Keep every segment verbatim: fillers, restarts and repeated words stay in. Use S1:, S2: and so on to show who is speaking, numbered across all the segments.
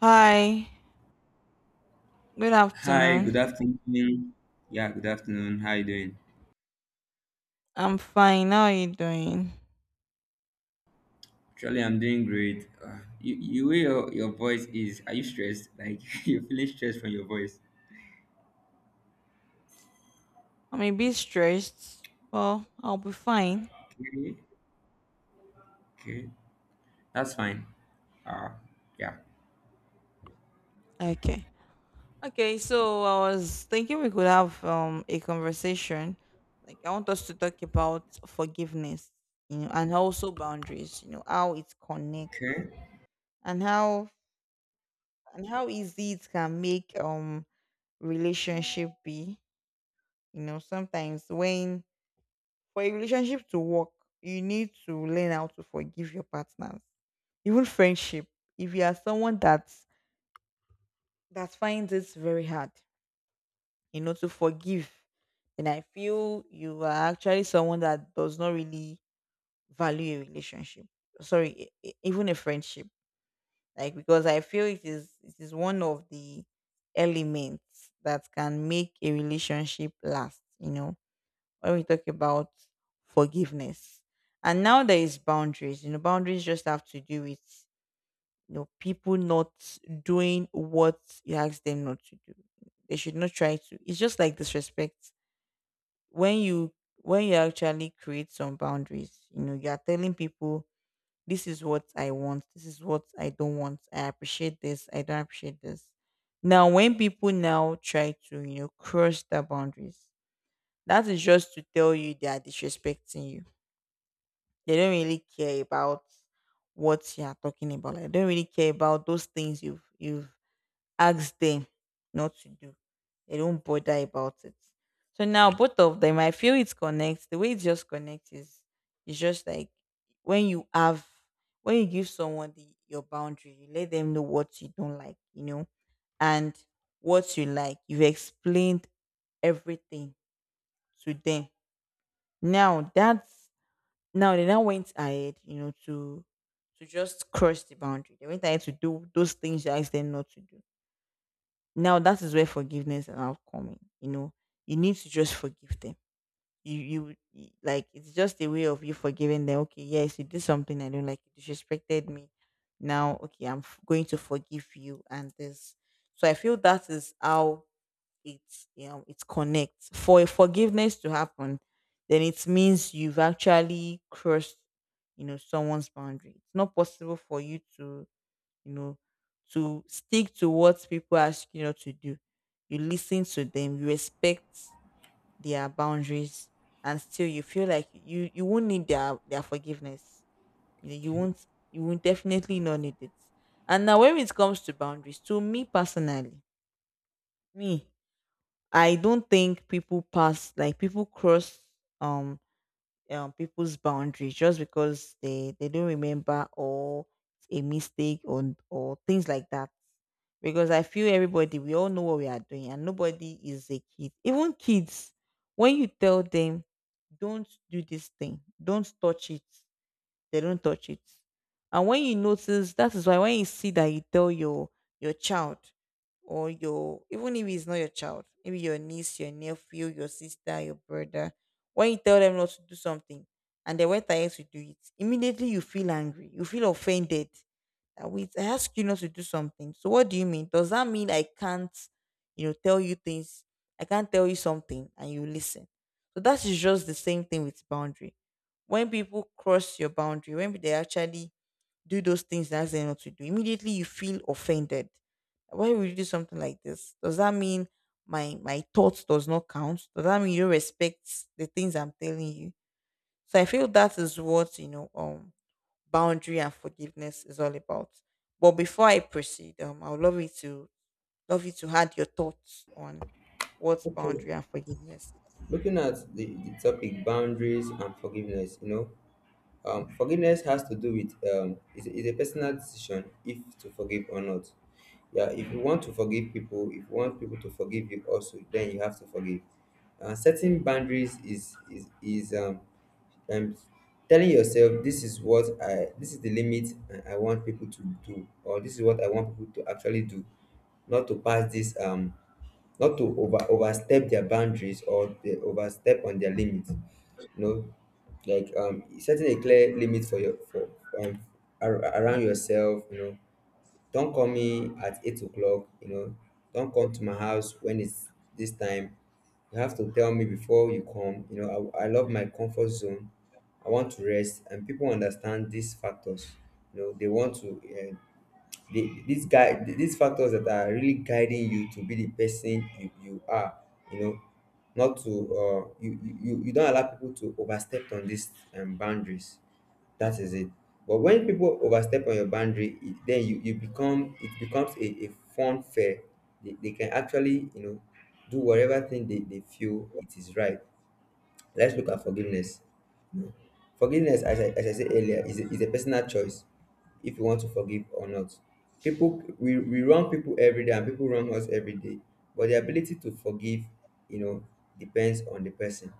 S1: Hi, good
S2: Hi, good
S1: afternoon.
S2: afternoon. Yeah, good afternoon. How you doing?
S1: I'm fine. How are you doing?
S2: Actually, I'm doing great. Uh, you, you way your, your voice is, are you stressed? Like, you're feeling stressed from your voice.
S1: I'm a bit stressed. Well, I'll be fine.
S2: Okay, okay. That's fine. Uh, yeah.
S1: Okay. Okay, so I was thinking we could have um a conversation. Like I want us to talk about forgiveness, you know, and also boundaries, you know, how it connects
S2: Okay.
S1: and how and how easy it can make um relationship be. You know, sometimes when for a relationship to work, you need to learn how to forgive your partners, even friendship. If you are someone that that finds it very hard, you know, to forgive, then I feel you are actually someone that does not really value a relationship, sorry, e- e- even a friendship. Like, because I feel it is it is one of the elements that can make a relationship last, you know. When we talk about forgiveness, and now there is boundaries, you know, boundaries just have to do with, you know, people not doing what you ask them not to do. They should not try to. It's just like disrespect. When you when you actually create some boundaries, you know, you are telling people this is what I want, this is what I don't want. I appreciate this, I don't appreciate this. Now when people now try to, you know, cross the boundaries, that is just to tell you they are disrespecting you. They don't really care about what you are talking about. Like, they don't really care about those things you've you've ask them not to do. They don't bother about it. So now both of them, I feel it connects. The way it just connects is it's just like when you have when you give someone the, your boundary, you let them know what you don't like, you know, and what you like. You've explained everything to them. Now that's now they now went ahead, you know, to to just cross the boundary. They went ahead to do those things you asked them not to do. Now that is where forgiveness and now come in. You know, you need to just forgive them. You, you you- like it's just a way of you forgiving them. Okay, yes, you did something I don't like. You disrespected me. Now, okay, I'm f- going to forgive you and this. So I feel that is how it's, you know, it connects. For a forgiveness to happen, then it means you've actually crossed, you know, someone's boundary. It's not possible for you to, you know, to stick to what people ask you not to do. You listen to them, you respect their boundaries, and still you feel like you you won't need their their forgiveness. You know, you won't, you won't, definitely not need it. And now when it comes to boundaries, to me personally, me, I don't think people pass, like, people cross um um, people's boundaries just because they they don't remember, or it's a mistake, or or things like that. Because I feel everybody, we all know what we are doing, and nobody is a kid. Even kids, when you tell them, don't do this thing, don't touch it, they don't touch it. And when you notice, that is why when you see that you tell your your child, or your, even if it's not your child, maybe your niece, your nephew, your sister, your brother, when you tell them not to do something and they went ahead to do it, immediately you feel angry, you feel offended that we I ask you not to do something. So what do you mean? Does that mean I can't, you know, tell you things? I can't tell you something and you listen. So that is just the same thing with boundary. When people cross your boundary, when they actually do those things that they not to do, immediately you feel offended. Why would you do something like this? Does that mean my my thoughts does not count? Does that mean you respect the things I'm telling you? So I feel that is what, you know, um boundary and forgiveness is all about. But before I proceed, um, I would love you to love you to add your thoughts on what
S2: Okay,
S1: boundary and forgiveness.
S2: looking at the, the topic boundaries and forgiveness, you know, Um, forgiveness has to do with um, it's, it's a personal decision if to forgive or not. Yeah, if you want to forgive people, if you want people to forgive you also, then you have to forgive. Uh, setting boundaries is is is um, um telling yourself this is what I this is the limit I I want people to do or this is what I want people to actually do, not to pass this um not to over overstep their boundaries or they overstep on their limit. No, like um, setting a clear limit for your for um ar- around yourself. You know, don't call me at eight o'clock. You know, don't come to my house when it's this time. You have to tell me before you come. You know, I, I love my comfort zone. I want to rest, and people understand these factors. You know, they want to. Uh, the, these guy these factors that are really guiding you to be the person you, you are, you know, not to uh you, you you you don't allow people to overstep on these um, boundaries. That is it. But when people overstep on your boundary it, then you, you become it becomes a, a fun fair. They, they can actually, you know, do whatever thing they, they feel it is right. Let's look at forgiveness. No. Forgiveness, as I, as I said earlier, is a, is a personal choice if you want to forgive or not. People, we, we wrong people every day and people wrong us every day. But the ability to forgive, you know, depends on the person.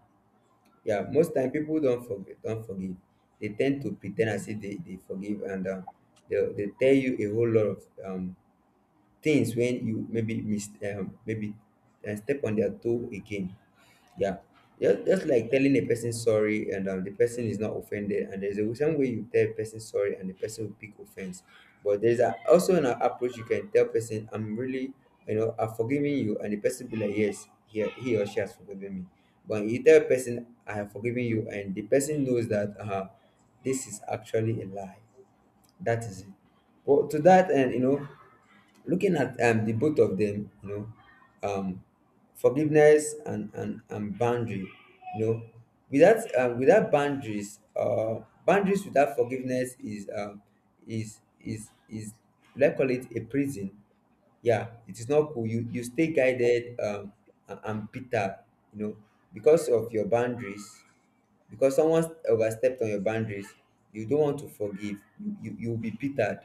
S2: Yeah, most time people don't forgive, don't forgive. They tend to pretend as if they, they forgive and um, they, they tell you a whole lot of um, things when you maybe mis- um, maybe uh, step on their toe again. Yeah. Just, just like telling a person sorry and um, the person is not offended. And there's a some way you tell a person sorry and the person will pick offense. But there's a, also an approach you can tell person, I'm really, you know, I'm forgiving you. And the person be like, yes, he, he or she has forgiven me. But you tell a person, I have forgiven you. And the person knows that uh, this is actually a lie. That is it. Well, to that and you know, looking at um, the both of them, you know, um, forgiveness and, and and boundary, you know, without um, without boundaries uh boundaries without forgiveness is um is is is let's call it a prison. Yeah, it is not cool. you you stay guided um and, and bitter, you know, because of your boundaries, because someone overstepped on your boundaries, you don't want to forgive. You you you'll be pitted.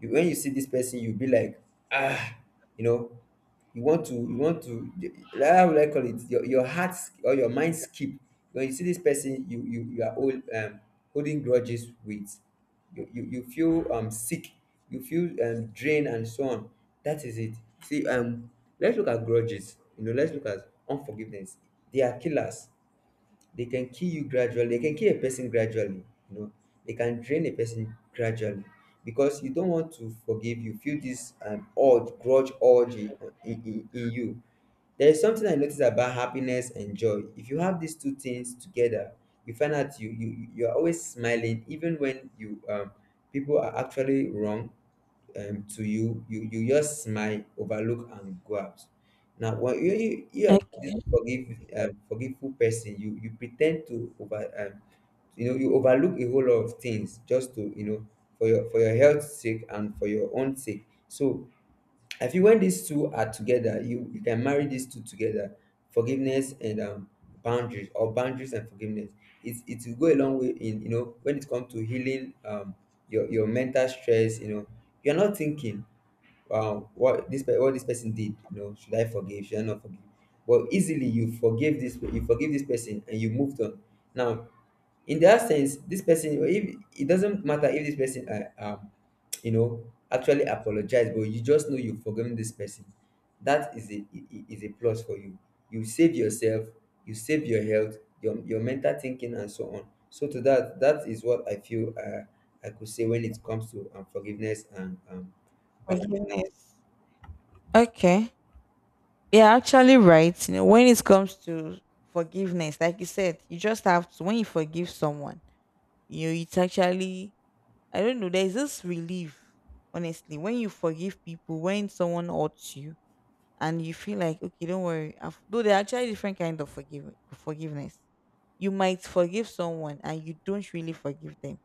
S2: You, when you see this person, you'll be like, ah, you know, you want to you want to, like, how would I call it, your, your heart sk- or your mind skip. When you see this person, you you, you are old um holding grudges with. You, you you feel um sick. You feel um drained and so on. That is it. See um let's look at grudges. You know, let's look at unforgiveness. They are killers. They can kill you gradually. They can kill a person gradually. You know, they can drain a person gradually. Because you don't want to forgive, you feel this um, urge grudge urge in, in, in in you. There is something I noticed about happiness and joy. If you have these two things together, you find out you you you are always smiling even when you um people are actually wrong um, to you. You you just smile, overlook and go out. Now, when you you, you
S1: Is.
S2: are this
S1: Okay.
S2: forgive um, forgetful person, you you pretend to over um, you know, you overlook a whole lot of things, just to, you know, for your for your health sake and for your own sake. So I feel when these two are together, you you can marry these two together, forgiveness and um, boundaries, or boundaries and forgiveness. It it will go a long way in, you know, when it comes to healing um your your mental stress. You know, you are not thinking um what this pe- what this person did, you know, should I forgive, should I not forgive, but easily you forgive this, you forgive this person and you moved on. Now, in that sense, this person, if it doesn't matter if this person uh, um you know, actually apologize, but you just know you've forgiven this person, that is a i- i- is a plus for you. You save yourself. You save your health, your your mental thinking and so on. So to that, that is what I feel. uh, I could say, when it comes to um, forgiveness and um,
S1: Forgiveness. Okay. Yeah, actually right. You know, when it comes to forgiveness, like you said, you just have to when you forgive someone, you know, it's actually, I don't know, there's this relief, honestly. When you forgive people, when someone hurts you, and you feel like okay don't worry I've, though they're actually different kind of forgive, forgiveness, you might forgive someone and you don't really forgive them.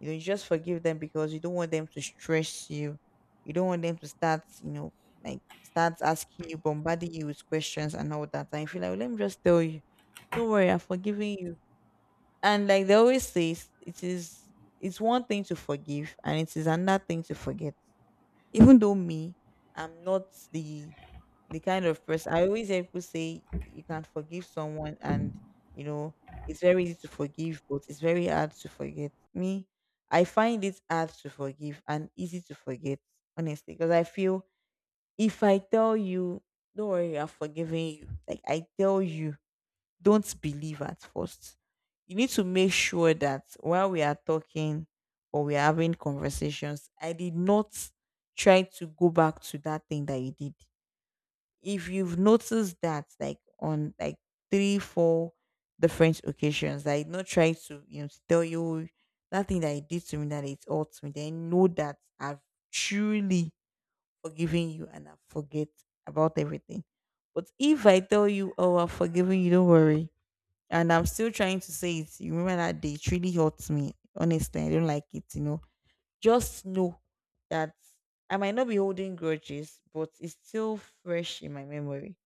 S1: You know, you just forgive them because you don't want them to stress you, you don't want them to start, you know, like start asking you, bombarding you with questions and all that, and you feel like, "Well, let me just tell you don't worry, I'm forgiving you." And like they always say, it's- it is, it's one thing to forgive and it is another thing to forget. Even though me, I'm not the the kind of person. I always hear people say you can forgive someone and, you know, it's very easy to forgive, but it's very hard to forget. Me, I find it hard to forgive and easy to forget, honestly, because I feel if I tell you, don't worry, I have forgiven you, like I tell you, don't believe at first. You need to make sure that while we are talking or we are having conversations, I did not try to go back to that thing that you did. If you've noticed that, like, on like three four different occasions that I not try to, you know, to tell you that thing that you did to me that it hurts me, then know that I've truly forgiven you and I forget about everything. But if I tell you, oh, I've forgiven you, don't worry, and I'm still trying to say it, you remember that day, it really hurts me, honestly, I don't like it, you know, just know that I might not be holding grudges, but it's still fresh in my memory.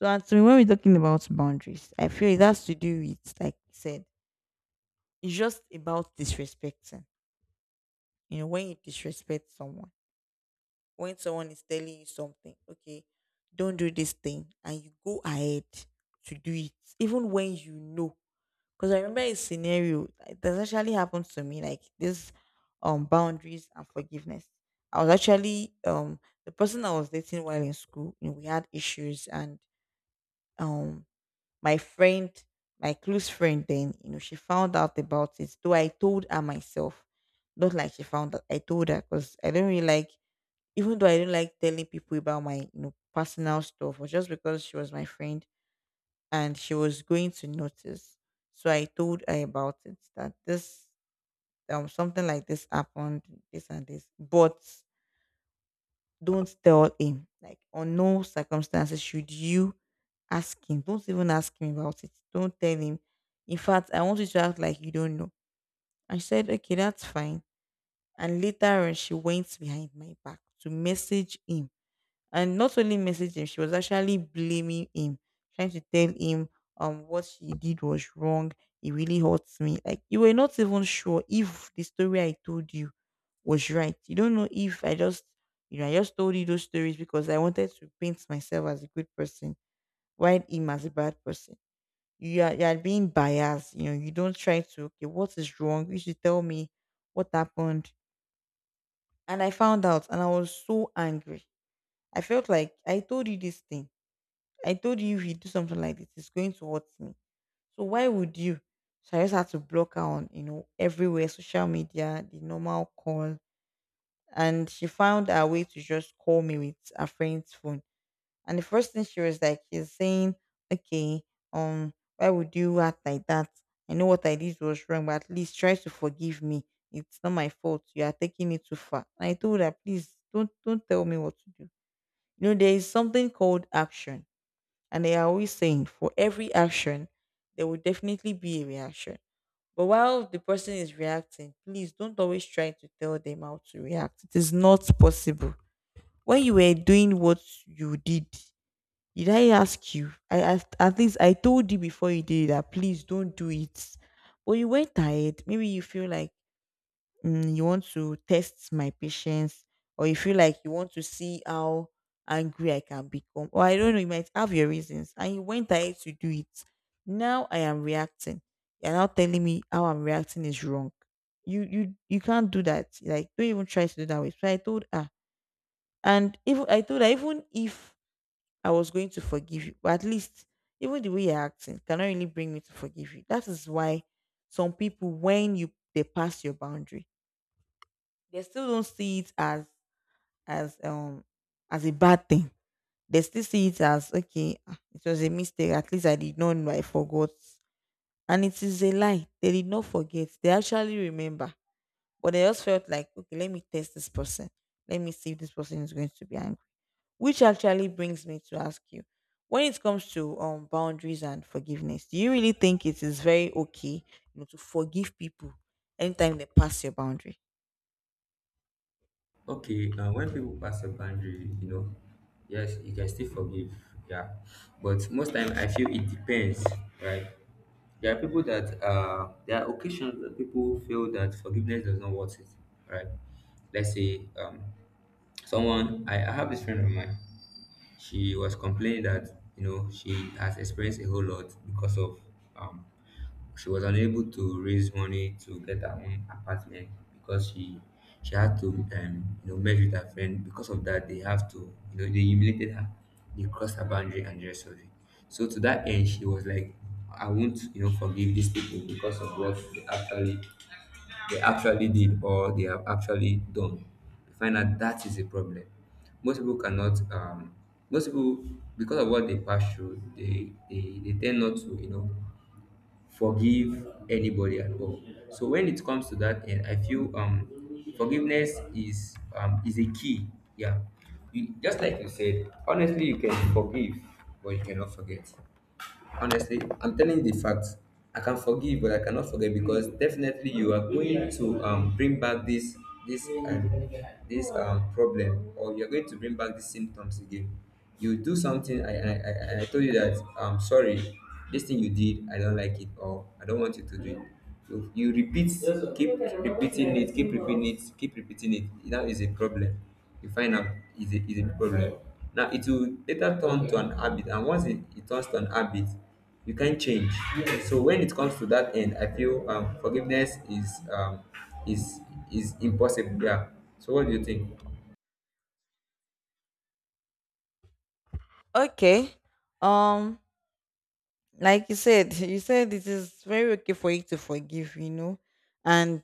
S1: So as to me, when we're talking about boundaries, I feel it has to do with, like you said, it's just about disrespecting. You know, when you disrespect someone, when someone is telling you something, okay, don't do this thing, and you go ahead to do it, even when you know. Because I remember a scenario that actually happened to me, like this um boundaries and forgiveness. I was actually um the person I was dating while in school, you know, we had issues and um my friend, my close friend, then, you know, she found out about it, though I told her myself. Not like she found out, I told her because I don't really like, even though I don't like telling people about my, you know, personal stuff, or just because she was my friend and she was going to notice. So I told her about it that this, um, something like this happened, this and this. But don't tell him. Like, on no circumstances should you ask him. Don't even ask him about it. Don't tell him. In fact, I want you to act like you don't know. And she said, okay, that's fine. And later on, she went behind my back to message him, and not only messaged him, she was actually blaming him, trying to tell him um what she did was wrong. It really hurts me. Like, you were not even sure if the story I told you was right. You don't know if I just, you know, I just told you those stories because I wanted to paint myself as a good person, while him as a bad person. You are, you are being biased. You know, you don't try to okay what is wrong. You should tell me what happened. And I found out, and I was so angry. I felt like I told you this thing, I told you if you do something like this, it's going to hurt me. So why would you? So I just had to block her on, you know, everywhere, social media, the normal call. And she found her way to just call me with her friend's phone. And the first thing she was like, she's saying, okay, um, why would you act like that? I know what I did was wrong, but at least try to forgive me. It's not my fault. You are taking it too far. And I told her, please don't don't tell me what to do. You know, there is something called action, and they are always saying for every action, there will definitely be a reaction. But while the person is reacting, please don't always try to tell them how to react. It is not possible. When you were doing what you did, did I ask you? I asked, at least I told you before you did it that please don't do it. But you went ahead. Maybe you feel like mm, you want to test my patience, or you feel like you want to see how angry I can become, or I don't know, you might have your reasons, and you went ahead to do it. Now I am reacting. You're now telling me how I'm reacting is wrong. You you you can't do that. Like don't even try to do that way. So I told her, and even I told her, even if I was going to forgive you, but at least even the way you're acting cannot really bring me to forgive you. That is why some people, when you they pass your boundary, they still don't see it as as um as a bad thing. They still see it as, okay, ah, it was a mistake. At least I did not know, I forgot. And it is a lie. They did not forget. They actually remember. But they just felt like, okay, let me test this person. Let me see if this person is going to be angry. Which actually brings me to ask you, when it comes to um boundaries and forgiveness, do you really think it is very okay, you know, to forgive people anytime they pass your boundary?
S2: okay, uh, when people pass a boundary, you know, yes, you can still forgive, yeah. But most time, I feel it depends, right? There are people that uh, there are occasions that people feel that forgiveness does not worth it, right? Let's say um, someone, I, I have this friend of mine. She was complaining that, you know, she has experienced a whole lot because of um, she was unable to raise money to get her own apartment because she she had to um you know, merge with her friend. Because of that, they have to, you know, they humiliated her, they crossed her boundary and the rest of it. So to that end, she was like, I won't, you know, forgive these people because of what they actually they actually did, or they have actually done. You find out that is a problem. Most people cannot um most people because of what they pass through, they they, they tend not to, you know, forgive anybody at all. So when it comes to that end, I feel um forgiveness is um is a key. Yeah. You, just like you said, honestly, you can forgive, but you cannot forget. Honestly, I'm telling the facts. I can forgive, but I cannot forget, because definitely you are going to um, bring back this this um, this um, problem, or you are going to bring back these symptoms again. You do something. I I, I, I told you that I'm sorry. This thing you did, I don't like it, or I don't want you to do it. You, you repeat, keep repeating it, keep repeating it, keep repeating it. Now is a problem. You find out is a is a problem. Now it will later turn to an habit, and once it, it turns to an habit, you can't change. So when it comes to that end, I feel um, forgiveness is um, is is impossible. Yeah. So what do you think?
S1: Okay. Um, like you said, you said it is very okay for you to forgive, you know, and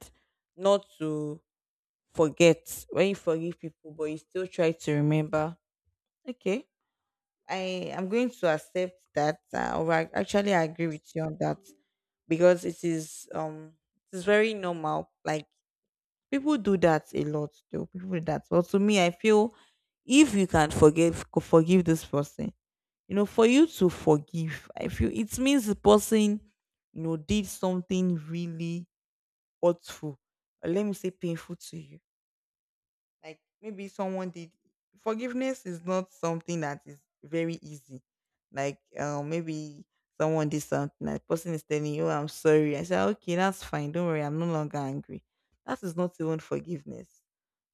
S1: not to forget when you forgive people, but you still try to remember. Okay. I am going to accept that, uh, or I, actually, I agree with you on that because it is um, it is very normal. Like people do that a lot, though. People do that. But to me, I feel if you can forgive, forgive this person. You know, for you to forgive, I feel it means the person, you know, did something really hurtful, or let me say painful to you. Like maybe someone did. Forgiveness is not something that is very easy. Like um, maybe someone did something, and the person is telling you, "Oh, I'm sorry." I say, "Ah, okay, that's fine. Don't worry. I'm no longer angry." That is not even forgiveness.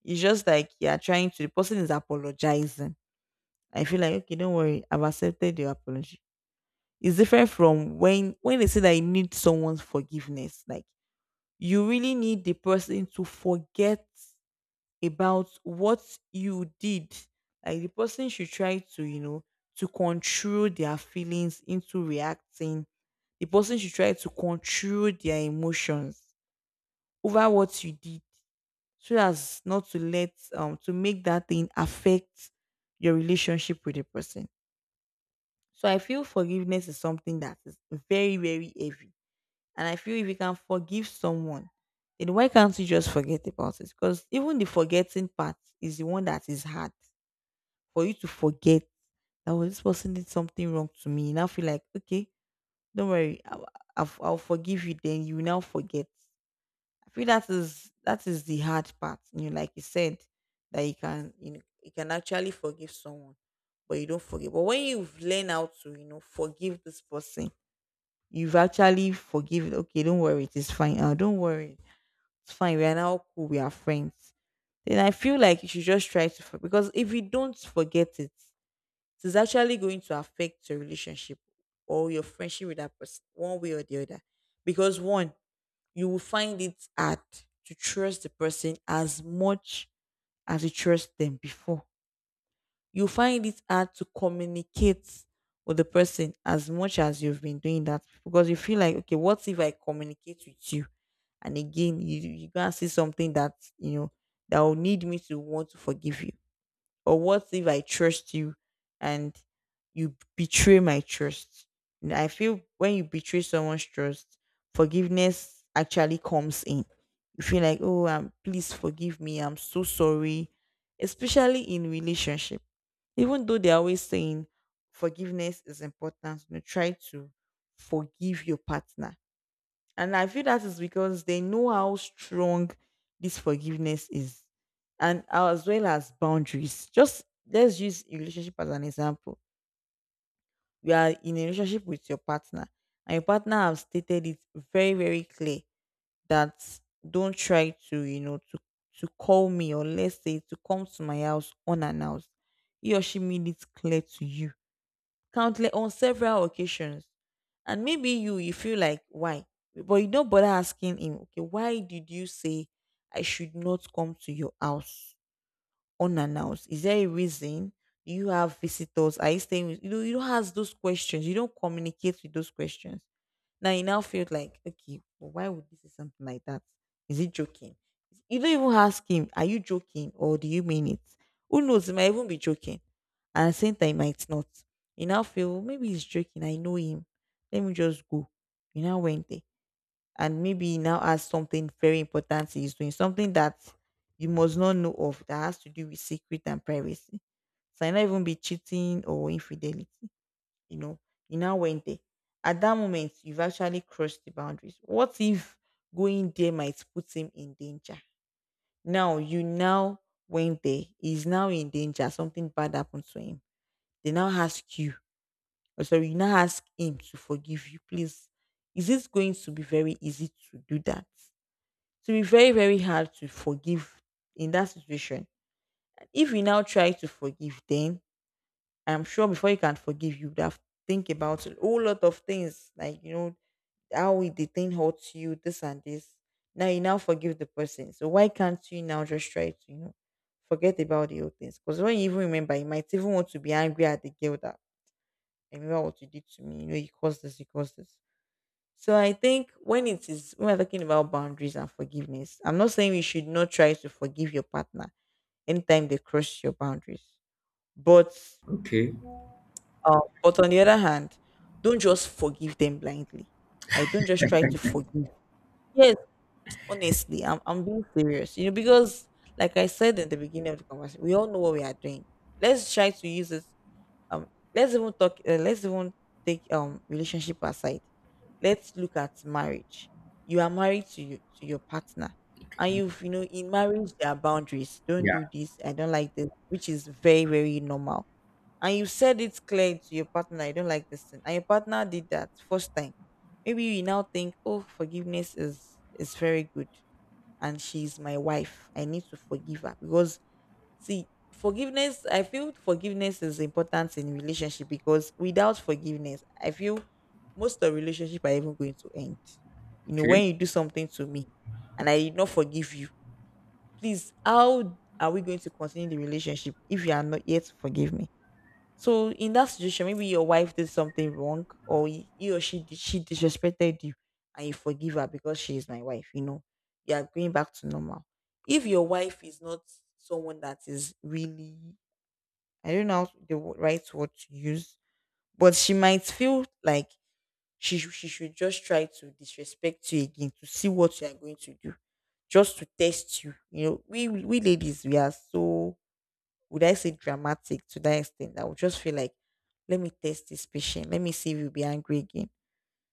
S1: It's just like you are trying to. The person is apologizing. I feel like, okay, don't worry. I've accepted your apology. It's different from when when they say that you need someone's forgiveness. Like you really need the person to forget about what you did. Like the person should try to, you know, to control their feelings into reacting. The person should try to control their emotions over what you did, so as not to let um to make that thing affect your relationship with the person. So I feel forgiveness is something that is very, very heavy. And I feel if you can forgive someone, then why can't you just forget about it? Because even the forgetting part is the one that is hard for you to forget, that was, this person did something wrong to me. You now feel like, okay, don't worry, I'll, I'll, I'll forgive you. Then you now forget. I feel that is that is the hard part. You know, like you said, that you can, you know, you can actually forgive someone, but you don't forgive. But when you've learned how to, you know forgive this person, you've actually forgiven. Okay, don't worry, it is fine. Uh, don't worry, it's fine. We are now cool. We are friends. Then I feel like you should just try to for- because if you don't forget it, it's actually going to affect your relationship or your friendship with that person one way or the other. Because one, you will find it hard to trust the person as much as you trust them before. You find it hard to communicate with the person as much as you've been doing that, because you feel like, okay, what if I communicate with you and again you you gonna see something that, you know, that will need me to want to forgive you? Or what if I trust you and you betray my trust? And I feel when you betray someone's trust, forgiveness actually comes in. You feel like, oh, um, please forgive me, I'm so sorry. Especially in relationship, even though they're always saying forgiveness is important, you know, try to forgive your partner. And I feel that is because they know how strong this forgiveness is, and as well as boundaries. Just let's use a relationship as an example. You are in a relationship with your partner, and your partner have stated it very, very clear that don't try to, you know, to to call me, or let's say to come to my house unannounced. He or she made it clear to you countless on several occasions. And maybe you you feel like why? But you don't bother asking him, okay, why did you say I should not come to your house unannounced? Is there a reason? Do you have visitors? Are you staying with, you know, you don't ask those questions. You don't communicate with those questions. Now you now feel like, okay, but why would, this is something like that? Is he joking? You don't even ask him, are you joking or do you mean it? Who knows? He might even be joking. And at the same time, he might not. You now feel, "Oh, maybe he's joking. I know him. Let me just go." You now went there. And maybe he now has something very important he's doing, something that you must not know of, that has to do with secret and privacy. So I not even be cheating or infidelity, you know, you now went there. At that moment, you've actually crossed the boundaries. What if going there might put him in danger? Now you now went there. He's now in danger. Something bad happened to him. They now ask you. Oh, sorry, you now ask him to forgive you. Please, is this going to be very easy to do that? To be very, very hard to forgive in that situation. If you now try to forgive, then I'm sure before you can forgive, you would have think about a whole lot of things, like, you know, how it- the thing hurts you, this and this. Now you now forgive the person. So why can't you now just try to, you know, forget about the old things? Because when you even remember, you might even want to be angry at the girl that, "I remember what you did to me. You know, you caused this, you caused this." So I think when it is when we're talking about boundaries and forgiveness, I'm not saying you should not try to forgive your partner anytime they cross your boundaries. But
S2: Okay,
S1: uh, but on the other hand, don't just forgive them blindly. Like don't just try to forgive. Yes, honestly, I'm I'm being serious. You know, because like I said in the beginning of the conversation, we all know what we are doing. Let's try to use this. Um, let's even talk. Uh, let's even take um relationship aside. Let's look at marriage. You are married to you to your partner, and you've you know, in marriage there are boundaries. Don't do this. I don't like this, which is very very normal. And you said it clear to your partner. I don't like this thing, and your partner did that first time. Maybe you now think, oh, forgiveness is is very good, and she's my wife. I need to forgive her because, see, forgiveness, I feel forgiveness is important in relationship, because without forgiveness, I feel most of relationship are even going to end. You know, when
S2: okay,
S1: you do something to me and I did not forgive you, please, how are we going to continue the relationship if you are not yet to forgive me? So in that situation, maybe your wife did something wrong, or y- he or she di- she disrespected you, and you forgive her because she is my wife. You know, you are going back to normal. If your wife is not someone that is really, I don't know how the wo- right word to use, but she might feel like she sh- she should just try to disrespect you again to see what you are going to do, just to test you. You know, we we ladies, we are so, would I say dramatic to that extent? I would just feel like, let me test this patient. Let me see if you'll be angry again.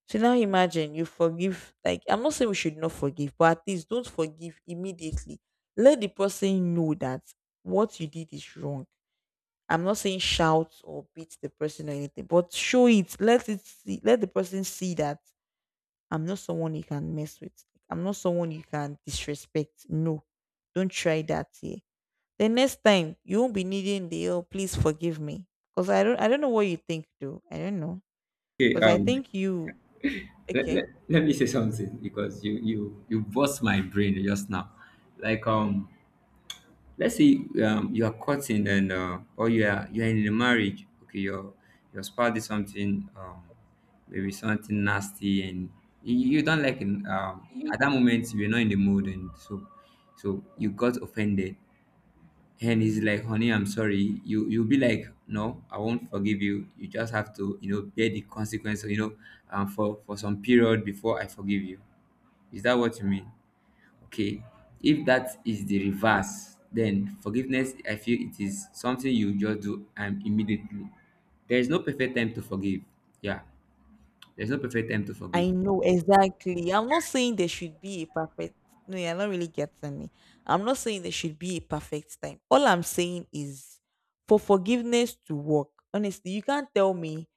S1: So now imagine you forgive. Like, I'm not saying we should not forgive, but at least don't forgive immediately. Let the person know that what you did is wrong. I'm not saying shout or beat the person or anything, but show it. Let it see, let the person see that I'm not someone you can mess with. I'm not someone you can disrespect. No, don't try that here. The next time you won't be needing the "oh please forgive me." Because I don't I don't know what you think though. I don't know.
S2: okay.
S1: Because I
S2: Um,
S1: think you
S2: let,
S1: okay.
S2: let, let me say something because you you you burst my brain just now. Like um, let's say um, you are courting and uh, or you are you are in a marriage. Okay, your your spouse did something, um, maybe something nasty, and you, you don't like it. Um, at that moment, you're not in the mood, and so so you got offended. And he's like, "Honey, I'm sorry." You you'll be like, "No, I won't forgive you. You just have to, you know, bear the consequence, you know, um, for for some period before I forgive you." Is that what you mean? Okay, if that is the
S1: Mm.
S2: reverse, then forgiveness, I feel it is something you just do um, immediately. There is no perfect time to forgive. Yeah, there's no perfect time to forgive.
S1: I know exactly. I'm not saying there should be a perfect— no, you're not really getting me. I'm not saying there should be a perfect time. All I'm saying is for forgiveness to work. Honestly, you can't tell me,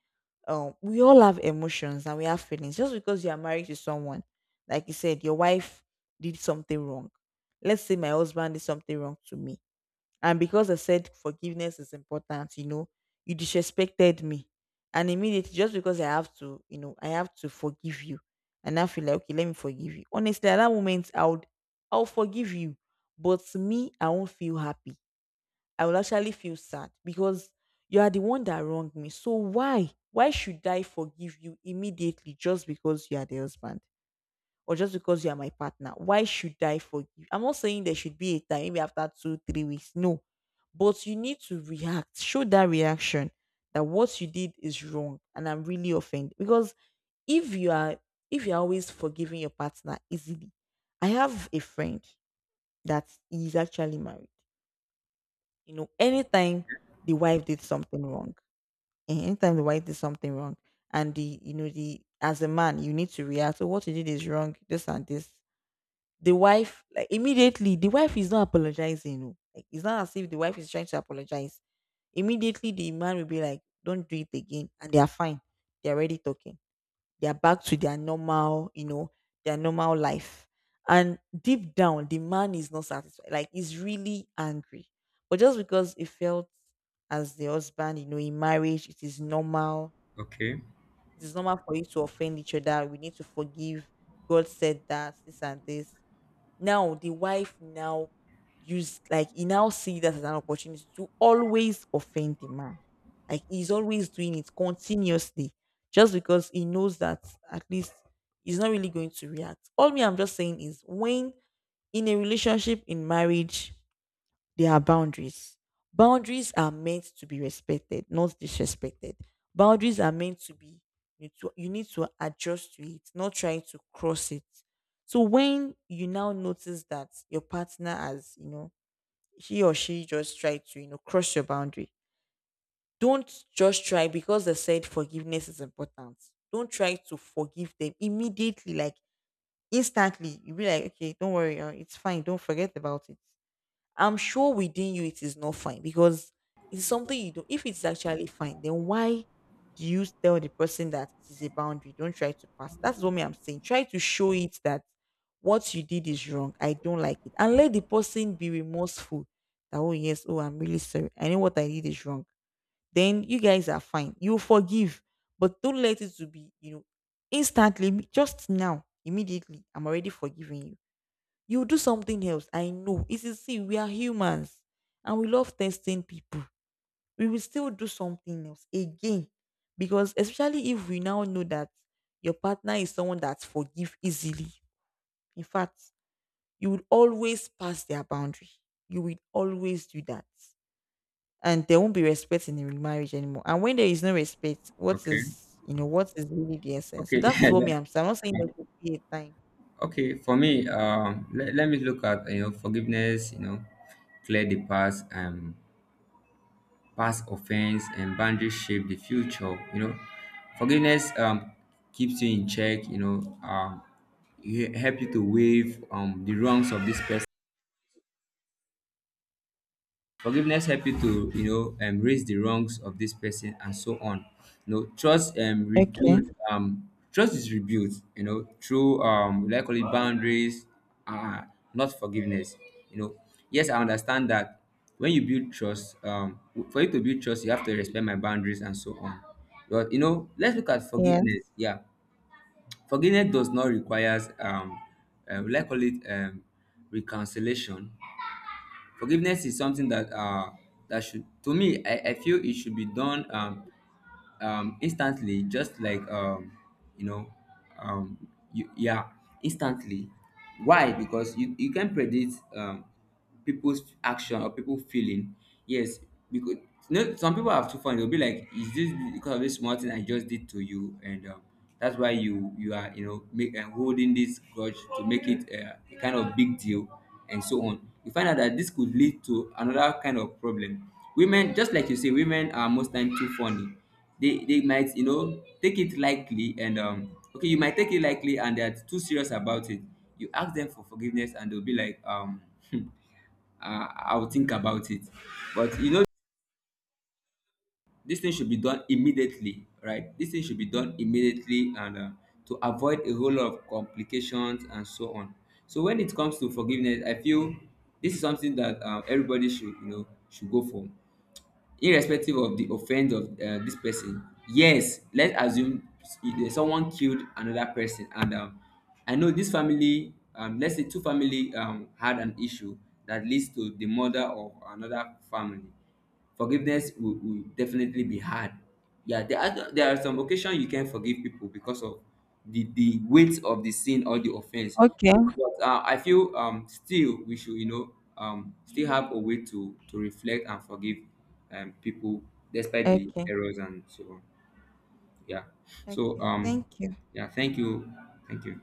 S1: um we all have emotions and we have feelings. Just because you are married to someone, like you said, your wife did something wrong, let's say my husband did something wrong to me. And because I said forgiveness is important, you know, you disrespected me. And immediately, just because I have to, you know, I have to forgive you. And I feel like, okay, let me forgive you. Honestly, at that moment, I would, I'll forgive you. But me, I won't feel happy. I will actually feel sad because you are the one that wronged me. So why? Why should I forgive you immediately just because you are the husband? Or just because you are my partner, why should I forgive? I'm not saying there should be a time, maybe after two, three weeks. No. But you need to react, show that reaction that what you did is wrong and I'm really offended. Because if you are— if you're always forgiving your partner easily, I have a friend that is actually married. You know, anytime the wife did something wrong, eh, anytime the wife did something wrong, and the you know, the as a man you need to react. So what you did is wrong. This and this. The wife, like immediately, the wife is not apologizing. Oh. Like it's not as if the wife is trying to apologize. Immediately, the man will be like, "Don't do it again," and they are fine. They are already talking. They are back to their normal, you know, their normal life. And deep down, the man is not satisfied. Like he's really angry, but just because it felt as the husband, you know, in marriage, it is normal.
S2: Okay,
S1: It is normal for you to offend each other. We need to forgive. God said that, this and this. Now the wife now used, like he now see that as an opportunity to always offend the man. Like he's always doing it continuously, just because he knows that at least he's not really going to react. All me I'm just saying is when in a relationship, in marriage, there are boundaries. Boundaries are meant to be respected, not disrespected. Boundaries are meant to be— you, to, you need to adjust to it, not trying to cross it. So when you now notice that your partner has, you know, he or she just tried to, you know, cross your boundary, don't just try because they said forgiveness is important. Don't try to forgive them immediately, like instantly. You'll be like, okay, don't worry, uh, it's fine. Don't forget about it. I'm sure within you it is not fine because it's something you do. If it's actually fine, then why do you tell the person that it is a boundary? Don't try to pass. That's what me I'm saying. Try to show it that what you did is wrong. I don't like it. And let the person be remorseful. That, oh yes, oh I'm really sorry. I know what I did is wrong. Then you guys are fine. You forgive. But don't let it to be, you know, instantly, just now, immediately, I'm already forgiving you, you do something else. I know. It is, see, we are humans and we love testing people. We will still do something else again. Because especially if we now know that your partner is someone that forgive easily. In fact, you will always pass their boundary. You will always do that. And there won't be respect in the marriage anymore. And when there is no respect, what
S2: okay,
S1: is, you know, what is really the essence? So
S2: okay,
S1: that is what me
S2: Le-
S1: I'm saying. I'm not saying there should be a time.
S2: okay. For me,
S1: Okay.
S2: um, let, let me look at, you know, forgiveness. You know, clear the past, um, past offense, and boundaries shape the future. You know, forgiveness um keeps you in check. You know, um, it help you to waive um the wrongs of this person. Forgiveness help you to, you know, um, raise the wrongs of this person and so on. You know, trust um
S1: Okay.
S2: rebuild um trust is rebuilt, you know, through um will I call it boundaries, uh not forgiveness. You know, yes, I understand that when you build trust, um w- for you to build trust, you have to respect my boundaries and so on. But you know, let's look at
S1: Yes.
S2: forgiveness. Yeah. Forgiveness does not requires um uh, will I call it um reconciliation. Forgiveness is something that uh that should to me, i i feel it should be done um um instantly. Just like um you know um you, yeah instantly. Why? Because you you can predict um people's action or people feeling. Yes, because you know some people have too fun, they'll be like, is this because of this small thing I just did to you? And um that's why you you are, you know, make and holding this grudge to make it uh, a kind of big deal, and so on. You find out that this could lead to another kind of problem. Women, just like you say, women are most time too funny. They they might, you know, take it lightly, and um okay, you might take it lightly and they're too serious about it. You ask them for forgiveness and they'll be like, um uh, I'll think about it. But you know, this thing should be done immediately, right? This thing should be done immediately, and uh, to avoid a whole lot of complications and so on. So when it comes to forgiveness, I feel this is something that um, everybody should, you know, should go for, irrespective of di offence of um dis person. Yes, let's assume s- someone killed another person, and um I know this family. Um let's say two family um had an issue that leads to the murder of another family. Forgiveness will will definitely be hard. Yeah, there are there are some occasions you can forgive people because of the the weight of the sin or the offense.
S1: Okay.
S2: But uh, I feel um still we should, you know, um still have a way to to reflect and forgive um people despite the
S1: Okay.
S2: errors and so on. Yeah. so
S1: Okay.
S2: um
S1: Thank you.
S2: yeah thank you. Thank you.